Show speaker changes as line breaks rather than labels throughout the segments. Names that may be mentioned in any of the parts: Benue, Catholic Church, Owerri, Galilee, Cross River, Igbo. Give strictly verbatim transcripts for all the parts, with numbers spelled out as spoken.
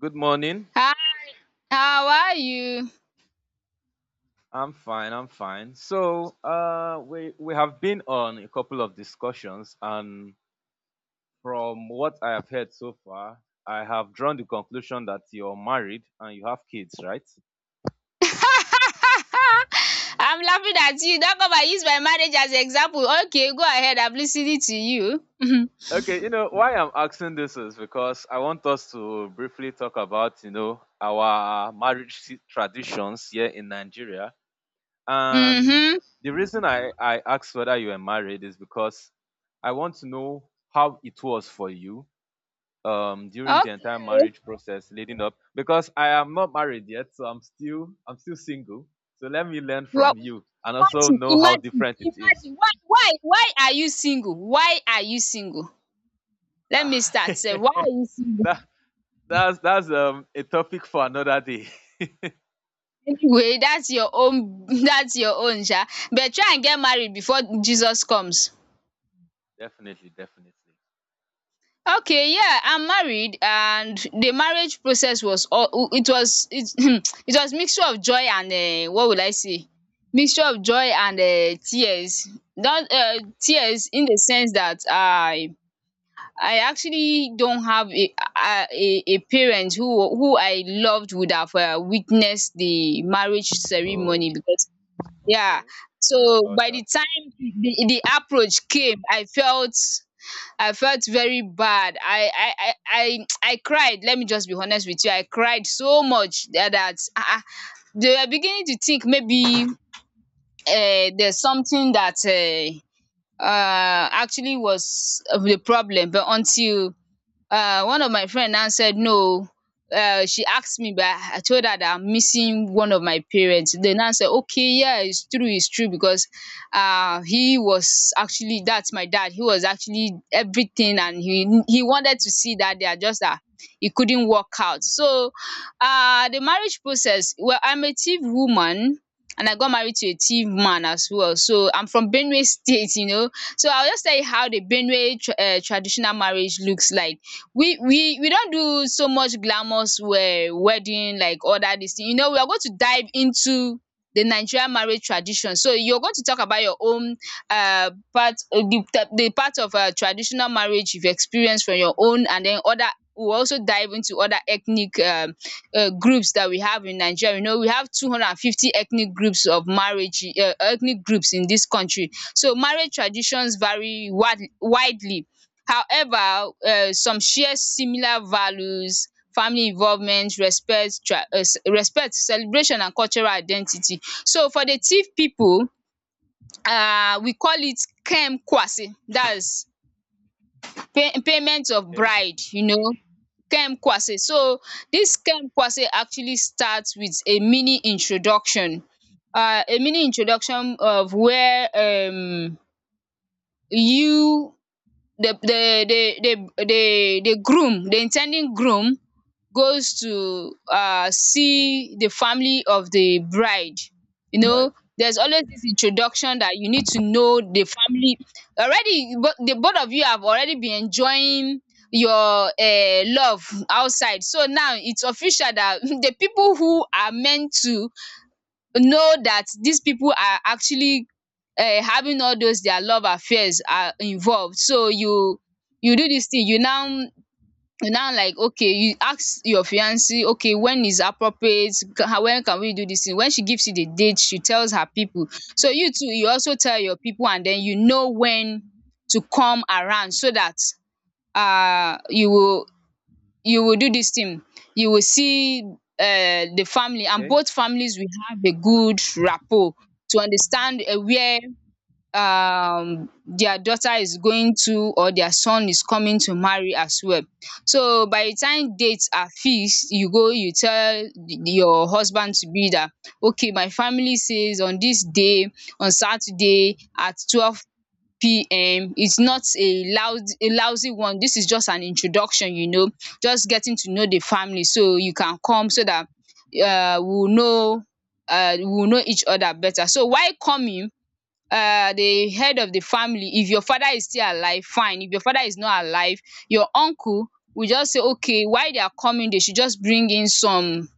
Good morning.
Hi, how are you?
I'm fine. I'm fine. So, uh, we we have been on a couple of discussions, and from what I have heard so far, I have drawn the conclusion that you're married and you have kids, right?
I'm laughing at you. Don't come and use my marriage as example. Okay, go ahead. I'm listening to you.
Okay. You know why I'm asking this is because I want us to briefly talk about you know our marriage si- traditions here in Nigeria, and
mm-hmm.
the reason I I asked whether you were married is because I want to know how it was for you um during the entire
Okay.
marriage process leading up because I am not married yet, so I'm still I'm still single. So let me learn
Well,
from you and also
imagine,
know how
imagine,
different it is.
imagine. Why, why, why are you single? Why are you single? Let me start. Say, why are you single?
that that's that's um a topic for another day.
Anyway, that's your own. That's your own, sha. But try and get married before Jesus comes.
Definitely, definitely.
Okay, yeah, I'm married and the marriage process was all it was it it was mixture of joy and um what would I say, mixture of joy and um tears. Not um tears in the sense that I I actually don't have a a a a parent who who I loved would have um witnessed the marriage
Oh,
ceremony, because yeah,
okay. Sorry
so
about
by the
that.
time the the approach came I felt, I felt very bad. I I I I I cried. Let me just be honest with you. I cried so much that that ah ah they were beginning to think maybe um there's something that um um actually was the problem, but until uh one of my friend now said no o, um she asked me, but I told her that I'm missing one of my parents. They now said okay, yeah, it's true, it's true, because um he was actually, that's my dad, he was actually everything, and he he wanted to see that, they are just that it couldn't work out. So um the marriage process, well, I'm a Tiv woman and I got married to a Tiv man as well, so I'm from Benue state you know So I'll just tell you how the Benue um traditional marriage looks like. We we we don't do so much glamorous um wedding like other dis thing. You know we are going to dive into the Nigerian marriage tradition. So you're going to talk about your own uh part, uh, the the part of um traditional marriage you've experienced from your own, and then other, we'll also dive into other ethnic um um groups that we have in Nigeria. You know we have two hundred and fifty ethnic groups of marriage, um ethnic groups in this country. So marriage traditions vary wide widely. However, um some share similar values, family involvement, respect, um respect, celebration, and cultural identity. So for the Tiv people, um we call it kem ‘Kem Kwase’. That's pay payment of
Okay.
bride, you know, kem ‘Kem Kwase’.
Yes.
So this kem ‘Kem Kwase’ actually starts with a mini introduction, um a mini introduction of where um you the the the the the the groom, the intending groom, goes to uh see the family of the bride, you
Right.
know, there's always this introduction that you need to know the family already, but the both of you have already been enjoying your um love outside. So now it's official that the people who are meant to know that these people are actually um having all those their love affairs are involved. So you you do this thing, you now, you now, like, okay, you ask your fiance. Okay, when is appropriate, ca- when can we do this thing? When she gives you the date she tells her people, so you too, you also tell your people, and then you know when to come around so that uh you will, you will do this thing, you will see uh the family, and
Okay.
both families will have a good rapport to understand um where um their daughter is going to or their son is coming to marry as well. So by the time dates are fixed, you go, you tell the- your husband to be that okay, my family says on this day, on Saturday at twelve p m, it's not a loud a lousy one, this is just an introduction, you know, just getting to know the family, so you can come so that uh, we will know, uh, we will know each other better. So while coming, um the head of the family, if your father is still alive, fine, if your father is not alive, your uncle, will just say okay, while they are coming they should just bring in some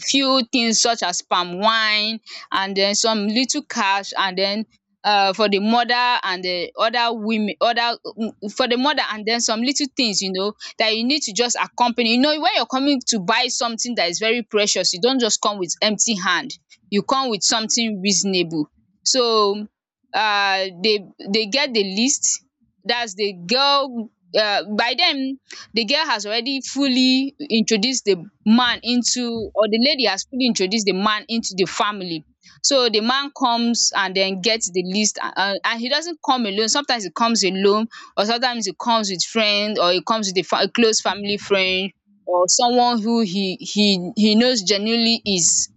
few things such as palm wine, and then some little cash, and then um for the mother and the other women, other mm, for the mother, and then some little things, you know, that you need to just accompany. You know, when you're coming to buy something that is very precious, you don't just come with empty hand, you come with something reasonable. So um they they get the list, that's the girl, um by then the girl has already fully introduced the man into, or the lady has fully introduced the man into the family. So the man comes and then gets the list, and, and he doesn't come alone, sometimes he comes alone, or sometimes he comes with friends, or he comes with a, fa- a close family friend, or someone who he he he knows genuinely is,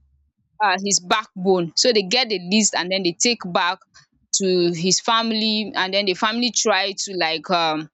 uh, his backbone. So they get the list and then they take back to his family, and then the family try to, like, um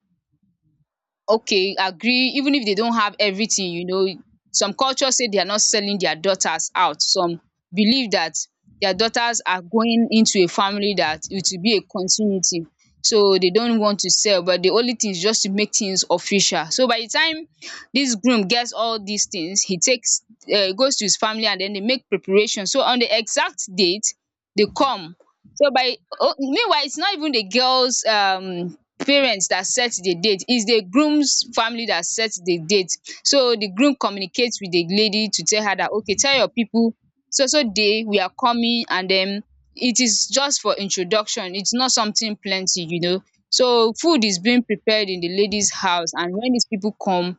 okay, agree even if they don't have everything, you know. Some cultures say they are not selling their daughters out, some believe that their daughters are going into a family that it will be a continuity, so they don't want to sell, but the only thing is just to make things official. So by the time this groom gets all these things, he takes, um goes to his family, and then they make preparations. So on the exact date they come. So by oh, meanwhile, it's not even the girls um parents that set the date, it's the groom's family that set the date. So the groom communicates with the lady to tell her that okay, tell your people, so so day we are coming, and then it is just for introduction, it's not something plenty, you know. So food is being prepared in the lady's house, and when these people come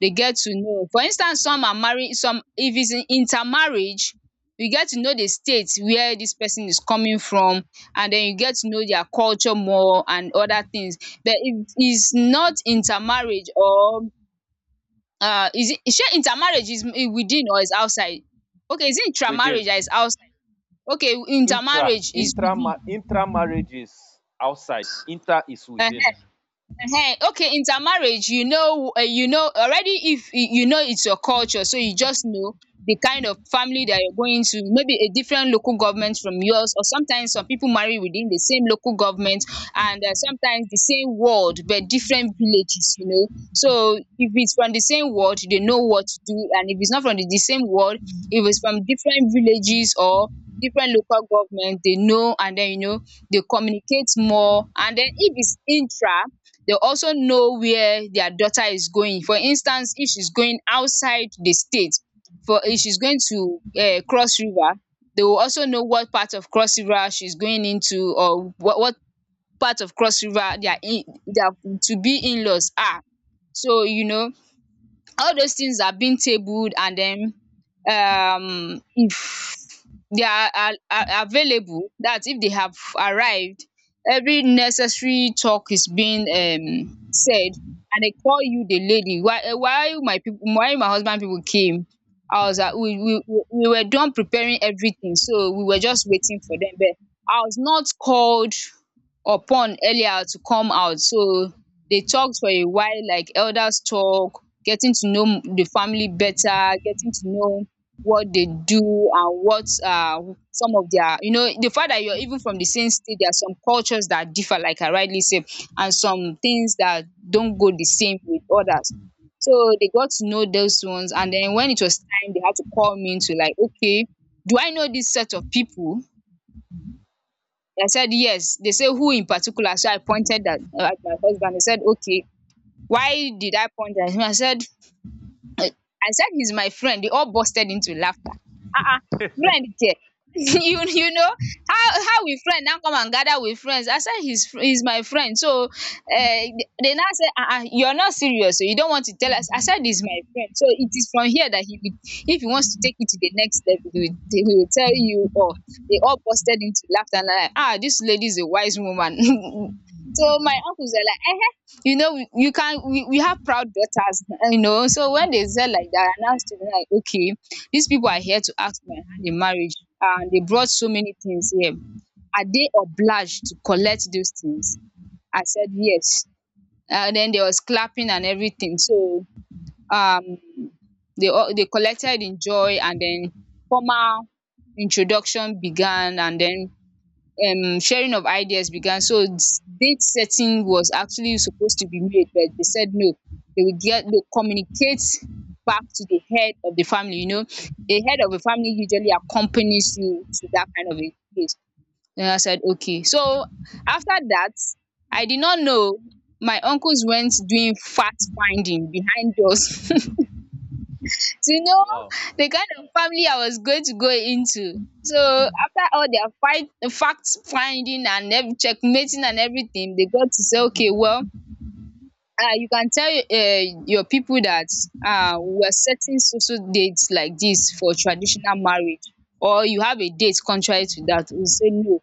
they get to know, for instance some are married, some, if it's in intermarriage, you get to know the state where this person is coming from, and then you get to know their culture more and other things. But it is not intermarriage or, uh is it, shey intermarriage is i- within or is outside? Okay, is it
Within
intramarriage that is outside? Okay,
intra
intermarriage is
intra
within.
intra marriages outside. Inter is
um
within.
Ehen, okay, intermarriage, you know, uh, you know already, if y- you know it's your culture, so you just know the kind of family that you're going to, maybe a different local government from yours, or sometimes some people marry within the same local government, and uh, sometimes the same ward but different villages, you know. So if it's from the same ward, they know what to do, and if it's not from the, the same ward, if it's from different villages or different local government, they know, and then you know they communicate more, and then if it's intra, they also know where their daughter is going. For instance, if she's going outside the state, for if she's going to um Cross River, they will also know what part of Cross River she's going into, or what what part of Cross River their, in their to be in-laws are. So you know all those things are being tabled, and then um if they are are are available, that if they have arrived, every necessary talk is being um said, and they call you, the lady. Why, eh, why my people, why my husband people came, I was at, we we we we were done preparing everything so we were just waiting for them, but I was not called upon earlier to come out. So they talked for a while, like elders talk, getting to know the family better, getting to know what they do, and what, uh some of their, you know, the fact that you're even from the same state, there are some cultures that differ, like I rightly said, and some things that don't go the same with others. So they got to know those ones, and then when it was time they had to call me to, like, okay, do I know this set of people? I said yes. They say who in particular? So I pointed at, uh, at my husband. They said okay, why did I point at him? I said, like, I said he's my friend. They all busted into laughter. Uh-uh. Friend there. you you know how how we friend now come and gather with friends. I said he's fr- he's my friend. So uh, they now say uh-uh, you're not serious, so you don't want to tell us. I said he's my friend. So it is from here that he will if he wants to take it to the next level, he will, he will tell you. Or they all busted into laughter and I'm like, ah, this lady is a wise woman. So my uncles are like, you know we you can we, we have proud daughters you know So when they said like that, I now stood like, okay, these people are here to ask my hand in marriage, and they brought so many things here. Are they obliged to collect those things? I said yes. And then there was clapping and everything. So um they all they collected in joy, and then formal introduction began. And then um sharing of ideas began. So s- date setting was actually supposed to be made, but they said no, they would get they communicate back to the head of the family you know A head of a family usually accompanies you to that kind of a place. And I said okay. So after that, I did not know my uncles went doing fact finding behind doors to know
Wow.
the kind of family I was going to go into. So after all their fight, fact finding and every checkmating and everything, they got to say, okay, well, uh, you can tell uh, your people that uh, we're setting social dates like this for traditional marriage, or you have a date contrary to that. We say no,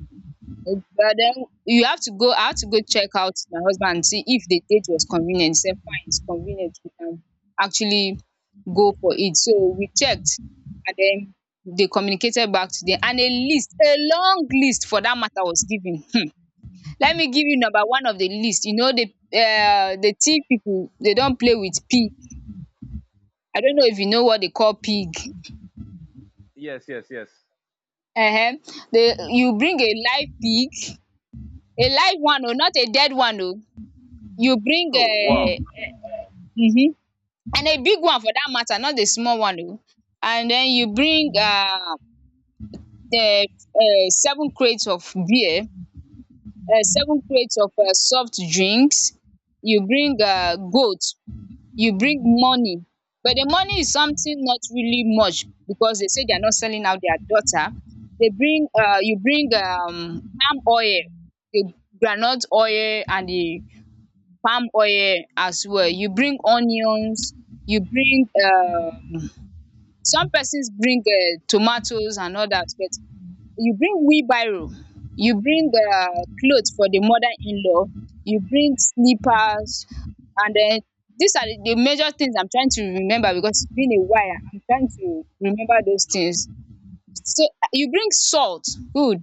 but then you have to go I have to go check out my husband and see if the date was convenient. He said fine, it's convenient, we can actually go for it. So we checked, and then they communicated back to them, and a list, a long list for that matter was given. Hmm. Let me give you number one of the list. You know the uh the tea people, they don't play with pig. I don't know if you know what they call pig.
Yes. Yes. Yes.
Uh huh. they You bring a live pig, a live one, or not a dead one. Oh. You bring
Oh wow.
a hmm And a big one for that matter, not the small one. Oh. And then you bring uh, the, the seven crates of beer, uh, seven crates of uh, soft drinks. You bring uh, goat. You bring money. But the money is something not really much, because they say they are not selling out their daughter. They bring, uh, you bring um, palm oil, the groundnut oil, and the palm oil as well. You bring onions. You bring. Um. Some persons bring um tomatoes and others, but you bring wheelbarrow, you bring um cloth for the mother in law, you bring slippers. And then these are the the major things. I'm trying to remember because it's been a while. I'm trying to remember those things. So uh, you bring salt, good.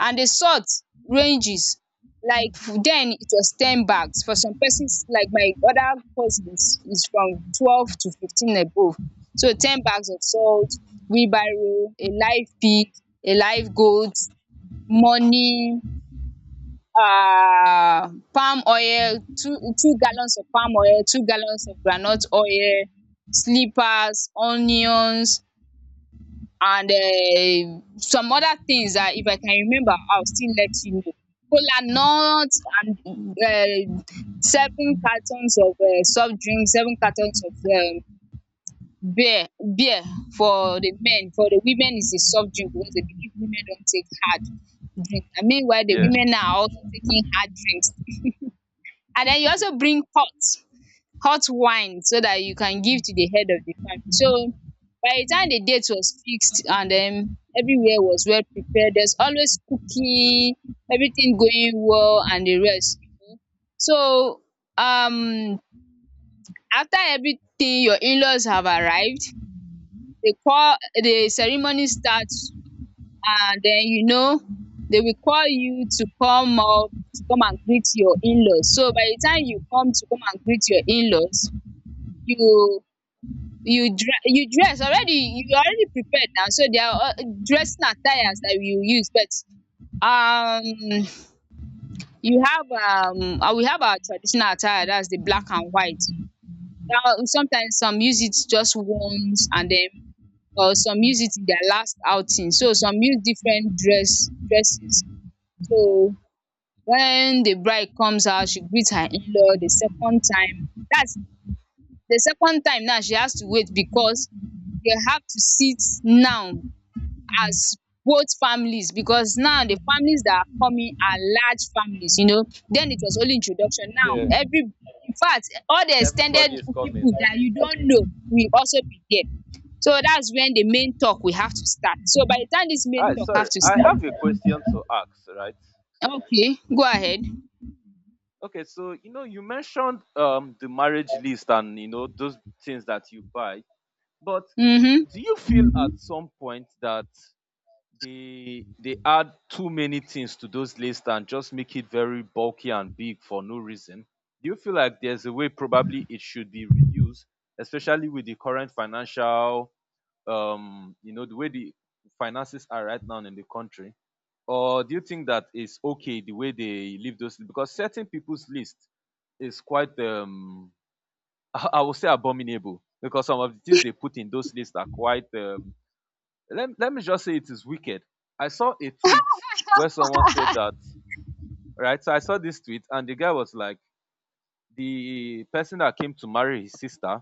And the salt ranges like, then it was ten bags for some persons. Like my other cousins, is from twelve to fifteen above. So ten bags of salt, wheelbarrow, a live pig, a live goat, money, um palm oil, two two gallons of palm oil, two gallons of groundnut oil, slippers, onions, and um some other things that if I can remember, I'll still let you know. Kolanut, and um seven cartons of um soft drink, seven cartons of um beer beer for the men. For the women is the soft drink, because they believe women don take hard drink, and meanwhile the
Yeah,
women now are also taking hard drinks. And then you also bring pot, hot wine, so that you can give to the head of the family. So by the time the date was fixed and then everywhere was well prepared, there's always cooking, everything going well, and the rest you know. So um after everything, your in-laws have arrived, they call the ceremony starts. And then you know they will call you to come up to come and greet your in-laws. So by the time you come to come and greet your in-laws, you you dress you dress already, you already prepared now. So there are uh, dressing attires that you use. But um you have um uh, we have our traditional attire, that's the black and white. Now sometimes some use it just once, and then or some use it in their last outing. So some use different dress dresses. So when the bride comes out, she greets her in-law the second time, that's the second time. Now she has to wait, because they have to sit now as both families, because now the families that are coming are large families you know Then it was only introduction. Now
yeah.
every in fact all the extended
Everybody is coming.
people that you don't know will also be there. So that's when the main talk we have to start. So by the time this main
Hi,
talk
sorry.
have to
I
start.
have a question to ask, right?
Okay, go ahead.
Okay, so you know you mentioned um the marriage list and you know those things that you buy, but
Mhm.
do you feel at some point that they they add too many things to those lists and just make it very bulky and big for no reason? Do you feel like there's a way probably it should be reduced, especially with the current financial um you know the way the finances are right now in the country, or do you think that it's okay the way they leave those because certain people's list is quite um i I would say abominable because some of the things they put in those lists are quite um, let, let me just say it is wicked. I saw a tweet where someone said that, right, so I saw this tweet and the guy was like, the person that came to marry his sister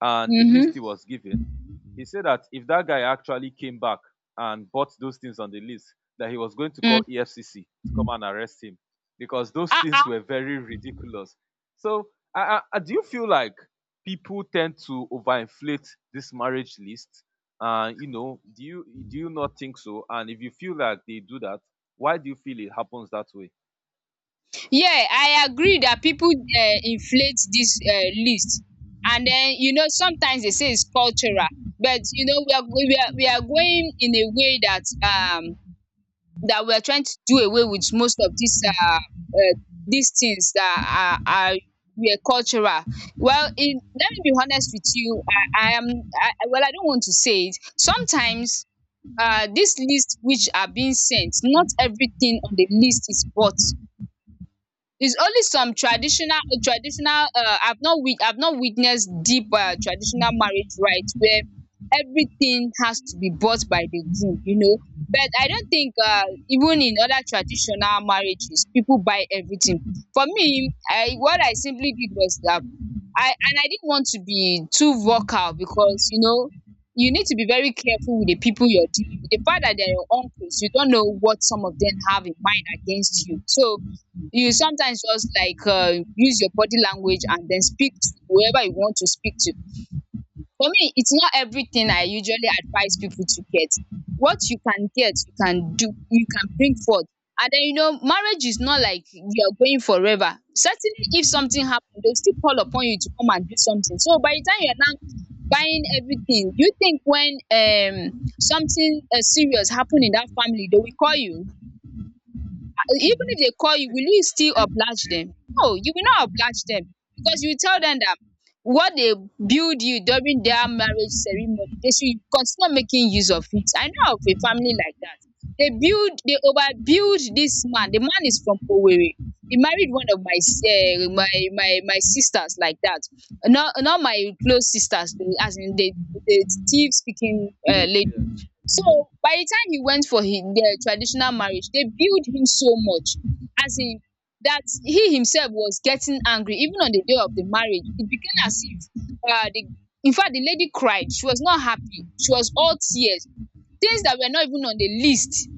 and the list
Mhm.
he was given, he said that if that guy actually came back and bought those things on the list, that he was going to call
Mm.
E F C C to come and arrest him because those
Ah,
things
ah.
were very ridiculous. So, I, I, do you feel like people tend to overinflate this marriage list? And you know, do you do you not think so? And if you feel like they do that, why do you feel it happens that way?
Yeah, I agree that people um inflate this um list. And then you know sometimes they say it's cultural. But you know we are go- we are we are going in a way that um that we are trying to do away with most of these um um these things that are are were cultural. Well, in let me be honest with you. I I am I I- Well, I don't want to say it sometimes. Um this list which are being sent, not everything on the list is worth. It's only some
Okay.
traditional traditional. Uh, I've not wit I've not witnessed deep um traditional marriage rites where everything has to be bought by the groom, you know. But I don't think uh, even in other traditional marriages people buy everything. For me, I what I simply did was that I and I didn't want to be too vocal, because you know you need to be very careful with the people you're dealing with. The fact that they're your uncles, you don't know what some of them have in mind against you. So you sometimes just like um use your body language and then speak to whoever you want to speak to. For me, it's not everything. I usually advise people to get what you can get, you can do, you can bring forth. And then you know marriage is not like you are going
Okay.
forever. Certainly if something happens, they will still call upon you to come and do something. So by the time you are now buying everything, you think when um something um serious happen in that family, they will call you. Even if they call you, will you still oblige them? No, you will not oblige them. Because you tell them that what they build you during their marriage ceremony, they should continue making use of it. I know of a family like that. They build they overbuild this man the man. Is from Owerri. He married one of my eh my my my sisters, like that. Not not my close sisters though, as in the the native speaking um
Yes.
lady.
Yes.
So by di time he went for dia traditional marriage, dey billed him so much, um dat he himself was getting angry. Even on di day of di marriage, it became as if um di infact di lady cried. She was not happy, she was all tears. Things dat were not even on di list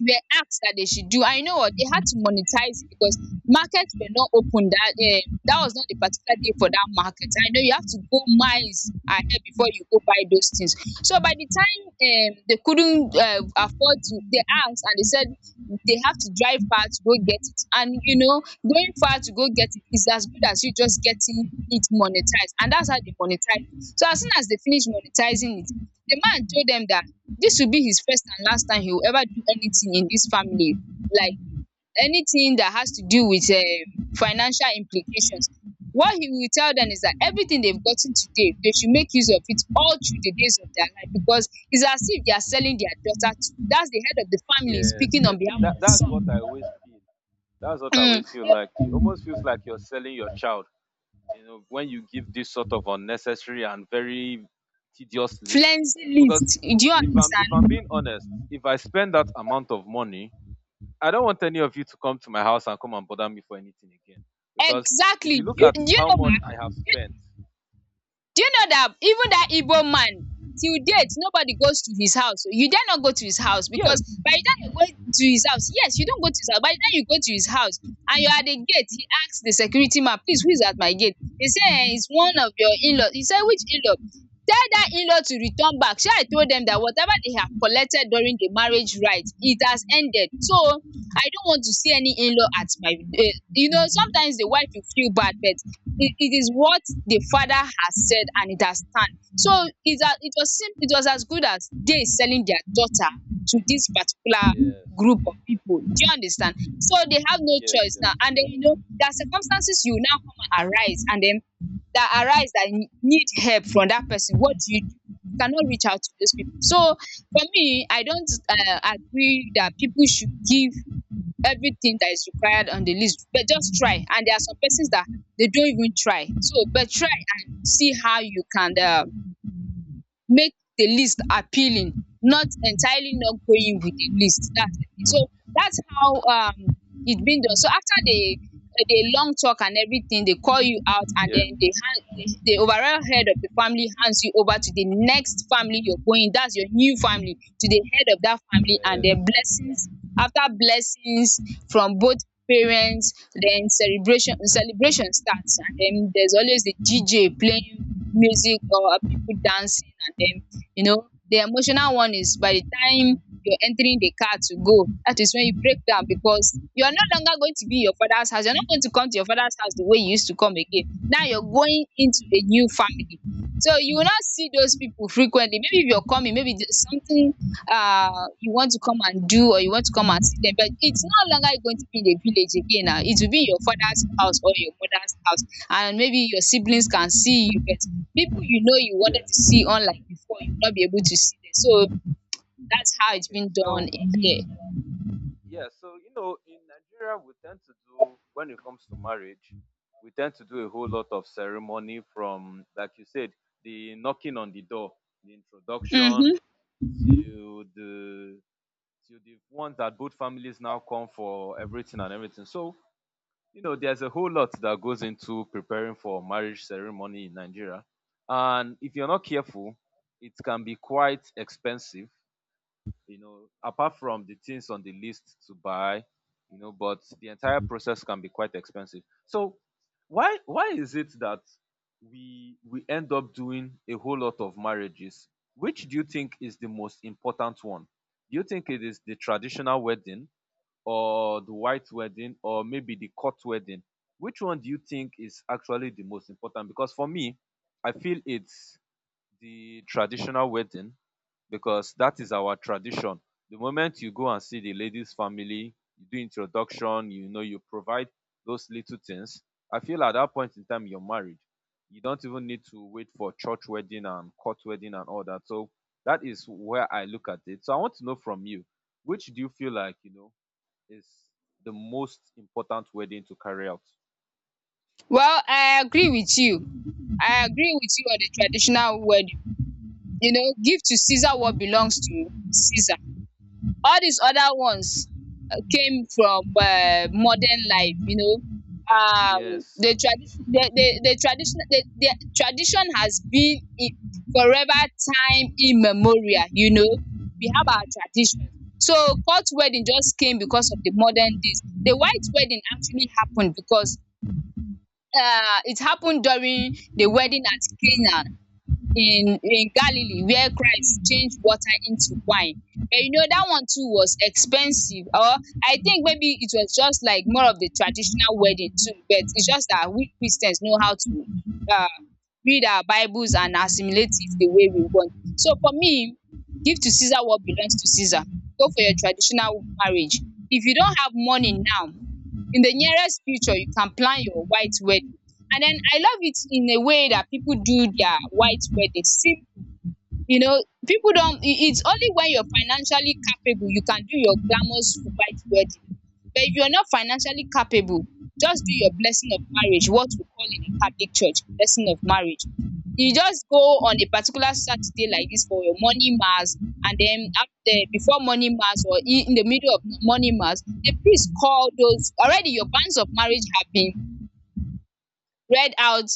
were asked that they should do. I know what? They had to monetize it because markets were not open, that um, that was not the particular day for that market. I know you have to go miles ahead before you go buy those things. So by the time um, they couldn't uh, afford to, they asked and they said they have to drive far to go get it. And you know, going far to go get it is as good as you just getting it monetized. And that's how they monetize it. So as soon as they finish monetizing it, the man told them that this will be his first and last time he will ever do anything in this family, like anything that has to do with um, financial implications. What he will tell them is that everything they've gotten today, they should make use of it all through the days of their life, because it's as if they are selling their daughter to. That's the head of the family
Yes.
speaking on
Yes.
behalf
That
of his
that's
son.
what I always feel. That's what I
Mm.
always feel like. It almost feels like you're selling your child. You know, when you give this sort of unnecessary and very tedious list,
Cleansing
because
list. Do you
if I'm if
understand?
I'm being honest, if I spend that amount of money, I don't want any of you to come to my house and come and bother me for anything again. Because if
Exactly.
you look
You,
at
do you
how
know why?
much I have spent,
Do you know that even that Igbo man, till date nobody goes to his house. You dare not go to his house
yes,
because by the time you go to his house, yes, you don go to his house, by the time you go to his house and you are at the gate, he ask the security man, please, who is at my gate? They say um is one of your in-law. He say, which in-law? Tell that in-law to return back. Shey I told them that whatever they have collected during the marriage rite, it has ended. So I don't want to see any in-law at my um you know Sometimes the wife will feel bad, but it, it is what the father has said and it has stand. So it a, it was sim- it was as good as they selling their daughter to this particular
yes,
group of people. Do you understand? So they have no
yes,
choice. Now and then, you know, there are circumstances you now come and arise, and then that arise that you need help from that person. What do you do? You cannot reach out to those people. So for me, I don't uh, agree that people should give everything that is required on the list, but just try. And there are some persons that they don't even try, so but try and see how you can um make the list appealing, not entirely not going with the list. That's the thing. So that's how um it's been done. So after the uh, the long talk and everything, they call you out, and
yes,
then they hand the, the overall head of the family hands you over to the next family you're going. That's your new family, to the head of that family, and
yeah,
their
yes,
blessings. After blessings from both parents, then celebration celebration starts, and then there's always the D J playing music or people dancing. And then, you know, the emotional one is by the time you're entering the car to go, that is when you break down, because you are no longer going to be in your father's house. You're not going to come to your father's house the way you used to come again. Now you're going into a new family, so you will not see those people frequently. Maybe if you're coming, maybe there's something uh you want to come and do, or you want to come and see them, but it's no longer going to be in the village again. Now it will be in your father's house or your mother's house. And maybe your siblings can see you, but people, you know, you wanted
yes.
to see online before, you will not be able to see them. So that's how it's
Okay.
been done
So
in here.
yeah, so you know, in Nigeria, we tend to do when it comes to marriage, we tend to do a whole lot of ceremony from, like you said, the knocking on the door, the introduction,
Mm-hmm.
to the to the ones that both families now come for everything and everything. So you know, there's a whole lot that goes into preparing for marriage ceremony in Nigeria, and if you're not careful, it can be quite expensive, you know, apart from the things on the list to buy, you know, but the entire process can be quite expensive. So why why is it that we we end up doing a whole lot of marriages? Which do you think is the most important one? Do you think it is the traditional wedding or the white wedding or maybe the court wedding? Which one do you think is actually the most important? Because for me, I feel it's the traditional wedding because that is our tradition. The moment you go and see the lady's family, you do introduction, you know, you provide those little things. I feel at that point in time you're married. You don't even need to wait for church wedding and court wedding and all that. So that is where I look at it. So I want to know from you, which do you feel like, you know, is the most important wedding to carry out?
Well, I agree with you. I agree with you on the traditional wedding. You know, give to Caesar what belongs to Caesar. All these other ones came from uh, modern life, you know. Um,
Yes.
the tradition, the, the, the tradition, the, the tradition has been in forever, time immemorial, you know. We have our traditions. So court wedding just came because of the modern days. The white wedding actually happened because uh it happened during the wedding at Cana in in Galilee, where Christ changed water into wine. But you know that one too was expensive, or I think maybe it was just like more of the traditional wedding too. But it's just that we Christians know how to uh, read our Bibles and assimilate it the way we want. So for me, give to Caesar what belongs to Caesar. Go for your traditional marriage. If you don't have money now, in the nearest future, you can plan your white wedding. And then I love it in a way that people do their white weddings. See, you know, people don't, i- it's only when you're financially capable you can do your glamorous white wedding. But if you're not financially capable, just do your blessing of marriage, what we call in the Catholic Church, blessing of marriage. You just go on a particular Saturday like this for your morning mass, and then after, before morning mass, or i- in the middle of morning mass, the priest call those already your bands of marriage have been read out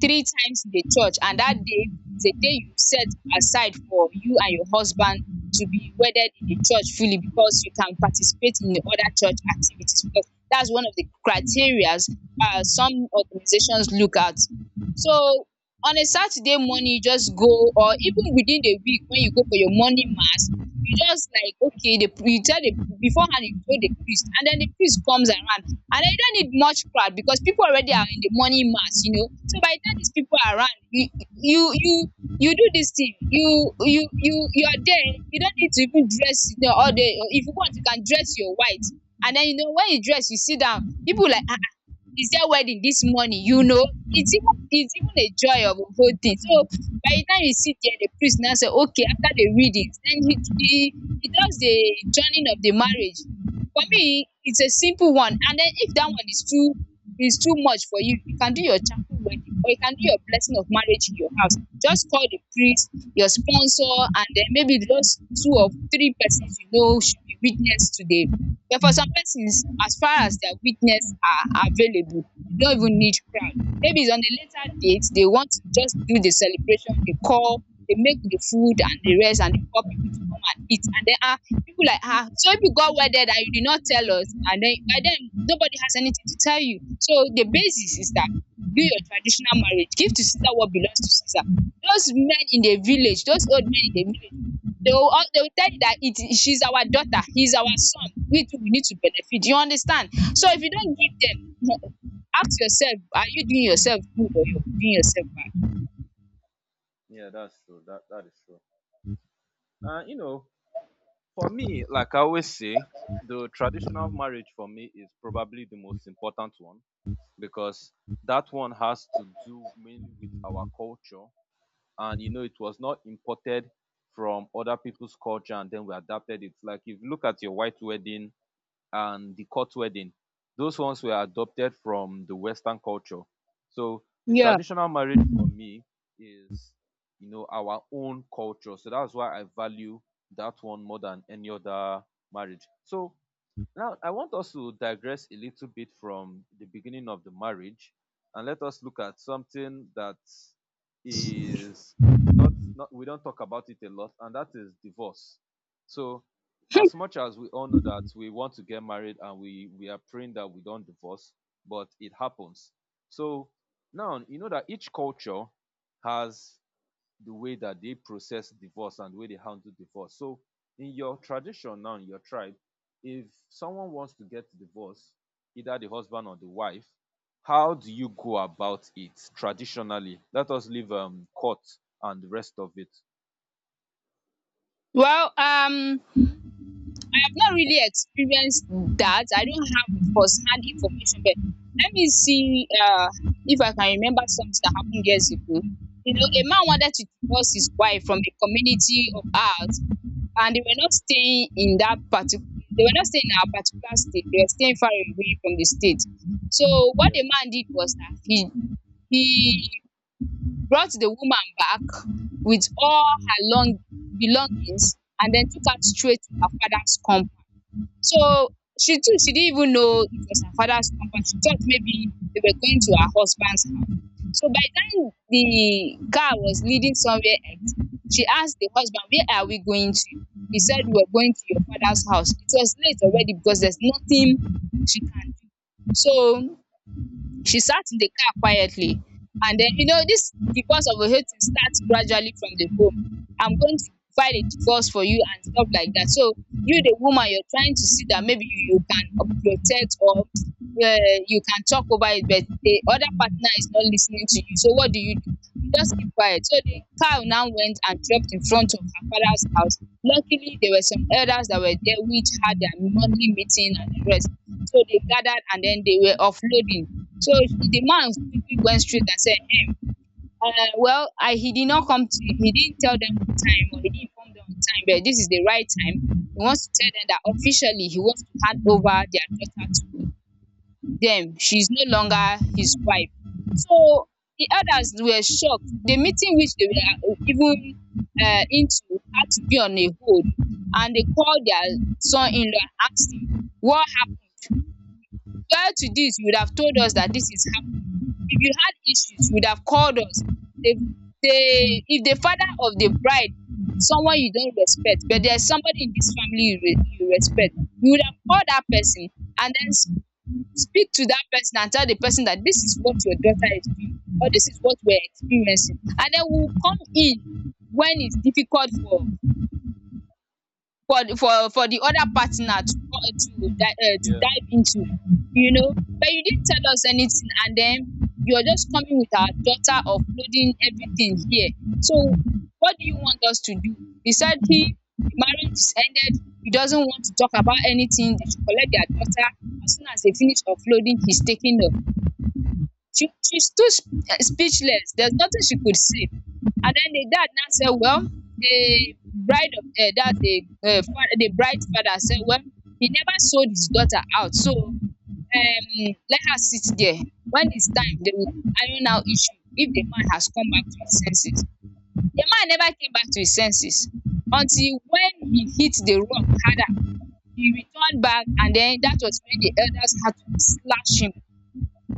three times in the church. And that day is a day you set aside for you and your husband to be wedded in the church fully, because you can participate in the other church activities, because that's one of the criterias uh, some organizations look at. So on a Saturday morning, you just go, or even within the week when you go for your morning mass, you just like, okay, the, you tell the beforehand, you tell the priest, and then the priest comes around. And then you don't need much crowd because people already are in the morning mass, you know. So by the time these people are around you, you you you do this thing, you you you you're there. You don't need to even dress, you know, all day. If you want, you can dress your white. And then, you know, when you dress, you sit down, people like, ah, is there wedding this morning, you know. It's even it's even a joy of a whole thing. So by the time you sit there, the priest now say, okay, after the readings, then he he, he does the joining of the marriage. For me, it's a simple one. And then if that one is too is too much for you, you can do your chapel wedding, or you can do your blessing of marriage in your house. Just call the priest, your sponsor, and then maybe those two or three persons you know should be witness to the, but for some persons, as far as their weakness are available, they don't even need crowd. Maybe it's on a later date, they want to just do the celebration, they call, they make the food and the rest, and they call people to come and eat. And then, ah, people like, ah, so if you got wedded and you did not tell us, and then by then nobody has anything to tell you. So the basis is that do your traditional marriage, give to Caesar what belongs to Caesar. Those men in the village, those old men in the village, they will al they will tell you that it is, she's our daughter, he's our son, we too we need to benefit. You understand? So if you don't give them ask yourself, are you doing yourself good or you're doing yourself bad?
Yeah, that's true. That that is true. Uh, you know, for me, like I always say, the traditional marriage for me is probably the most important one because that one has to do mainly with our culture. And you know, it was not imported from other people's culture and then we adapted it. Like if you look at your white wedding and the court wedding. Those ones were adopted from the Western culture. So the
Yeah.
traditional marriage for me is, you know, our own culture. So that's why I value that one more than any other marriage. So now, I want us to digress a little bit from the beginning of the marriage and let us look at something that is not, not we don't talk about it a lot, and that is divorce. So, as much as we all know that we want to get married and we, we are praying that we don't divorce, but it happens. So, now you know that each culture has the way that they process divorce and the way they handle divorce. So in your tradition now, in your tribe, if someone wants to get divorced, either the husband or the wife, how do you go about it traditionally? Let us leave um, court and the rest of it.
Well, um, I have not really experienced that. I don't have a first-hand information, but let me see uh, if I can remember something that happened years ago. You know, a man wanted to divorce his wife from a community of ours, and they were not staying in that particular, they were not staying in our particular state, they were staying far away from the state. So what
Yeah.
the man did was that he he brought the woman back with all her long belongings, and then took her straight to her father's. So she too, she didn't even know it was her father's compound. She thought maybe they were going to her husband's house. So by the time the car was leading somewhere else, she asked the husband, where are we going to? He said, we were going to your father's house. It was late already, because there's nothing she can do. So she sat in the car quietly. And then, you know, this divorce of a hating starts gradually from the home. I'm going to file a divorce for you and stuff like that. So you, the woman, you're trying to see that maybe you, you can uh, protect or uh, you can talk over it, but the other partner is not listening to you. So what do you do? You just keep quiet. So the car now went and dropped in front of her father's house. Luckily, there were some elders that were there, which had their monthly meeting and the rest. So they gathered, and then they were offloading. So she- the man quickly went straight and said, him, uh, well, I, he did not come to, he didn't tell them on time, or he didn't inform them on time, but this is the right time. He wants to tell them that officially he wants to hand over their daughter to them. She's no longer his wife. So the elders were shocked. The meeting which they were uh, even uh, into had to be on a hold, and they called their son-in-law and asked him, what happened? Prior to this, you would have told us that this is happening. If you had issues, you would have called us. The, the, if the father of the bride is someone you don't respect, but there's somebody in this family you, re, you respect, you would have called that person, and then s- speak to that person and tell the person that this is what your daughter is doing, or this is what we're experiencing. And then we'll come in when it's difficult for for the for for the other partner to co to di um to
Yeah.
dive into, you know. But you didn't tell us anything, and then you're just coming with our daughter, uploading everything here. So what do you want us to do? He said, he, the marriage is ended. He doesn't want to talk about anything. They should collect their daughter as soon as they finish uploading. He's taking off. She she stood sp- eh, speechless. There's nothing she could say. And then the dad now said, well, the bride of uh, that's the uh, father, the bride's father said, well, he never sold his daughter out, so um, let her sit there. When it's time, they will iron out issue if the man has come back to his senses. The man never came back to his senses until when he hit the rock harder. He returned back, and then that was when the elders had to slash him.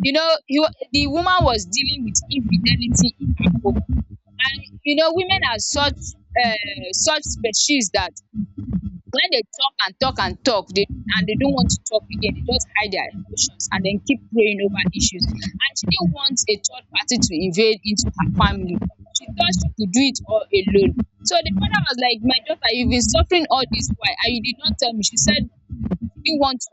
You know, he wa the woman was dealing with infidelity in her home. And you know, women are
Okay.
such um such species that when they talk and talk and talk, they and they don't want to talk again, they just hide their emotions and then keep praying over issues. And she didn't want a third party to invade into her family. She thought she could do it all alone. So the father was like, "My daughter, you've been suffering all this while and you did not tell me." She said she didn't want to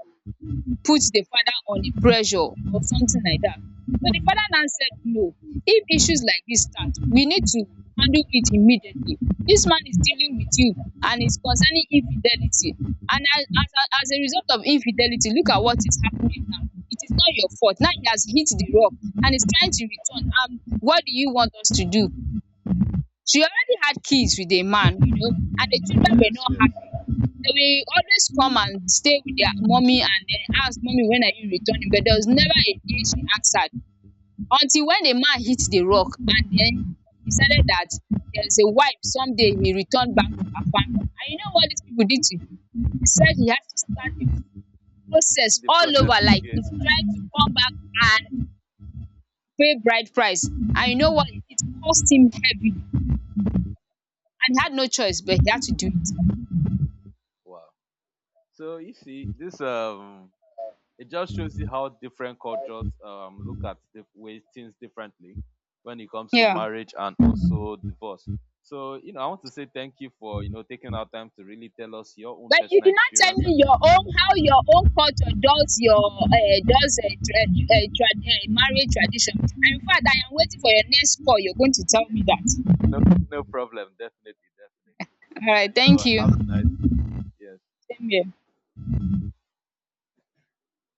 put the father on a pressure or something like that. So the father now said no. If issues like this start, we need to handle it immediately. This man is dealing with you and is concerning infidelity. And as, as, a- as a result of infidelity, look at what is happening now. It is not your fault. Now he has hit the rock and is trying to return. Um, what do you want us to do? She already had kids with a man, you know, and the children were
Yes.
not
Yes.
happy. They will always come and stay with their mommy, and then ask mommy, when are you returning? But there was never a day she answered, until when the man hit the rock, and then decided that there's a wife someday, he returned back to her family. And you know what these people did to him? They said he has to start the process
The
all
process
over, like he's
again.
trying to come back, and pay bride price. And you know what? It cost him heavy. And he had no choice, but he had to do it.
Wow. So you see this. Um, it just shows you how different cultures um, look at the way things differently when it comes to
Yeah.
marriage and also divorce. So, you know, I want to say thank you for, you know, taking our time to really tell us your own
But you
personal
did not tell
experience
me
and your
your
story.
own, how your own culture does your uh, does a tra- uh, tra- uh, marriage tradition. And in fact, I am waiting for your next call. You're going to tell me that.
No, no problem. Definitely, definitely.
All
So,
right.
you know,
Thank you.
have a nice day. Yes.
Same here.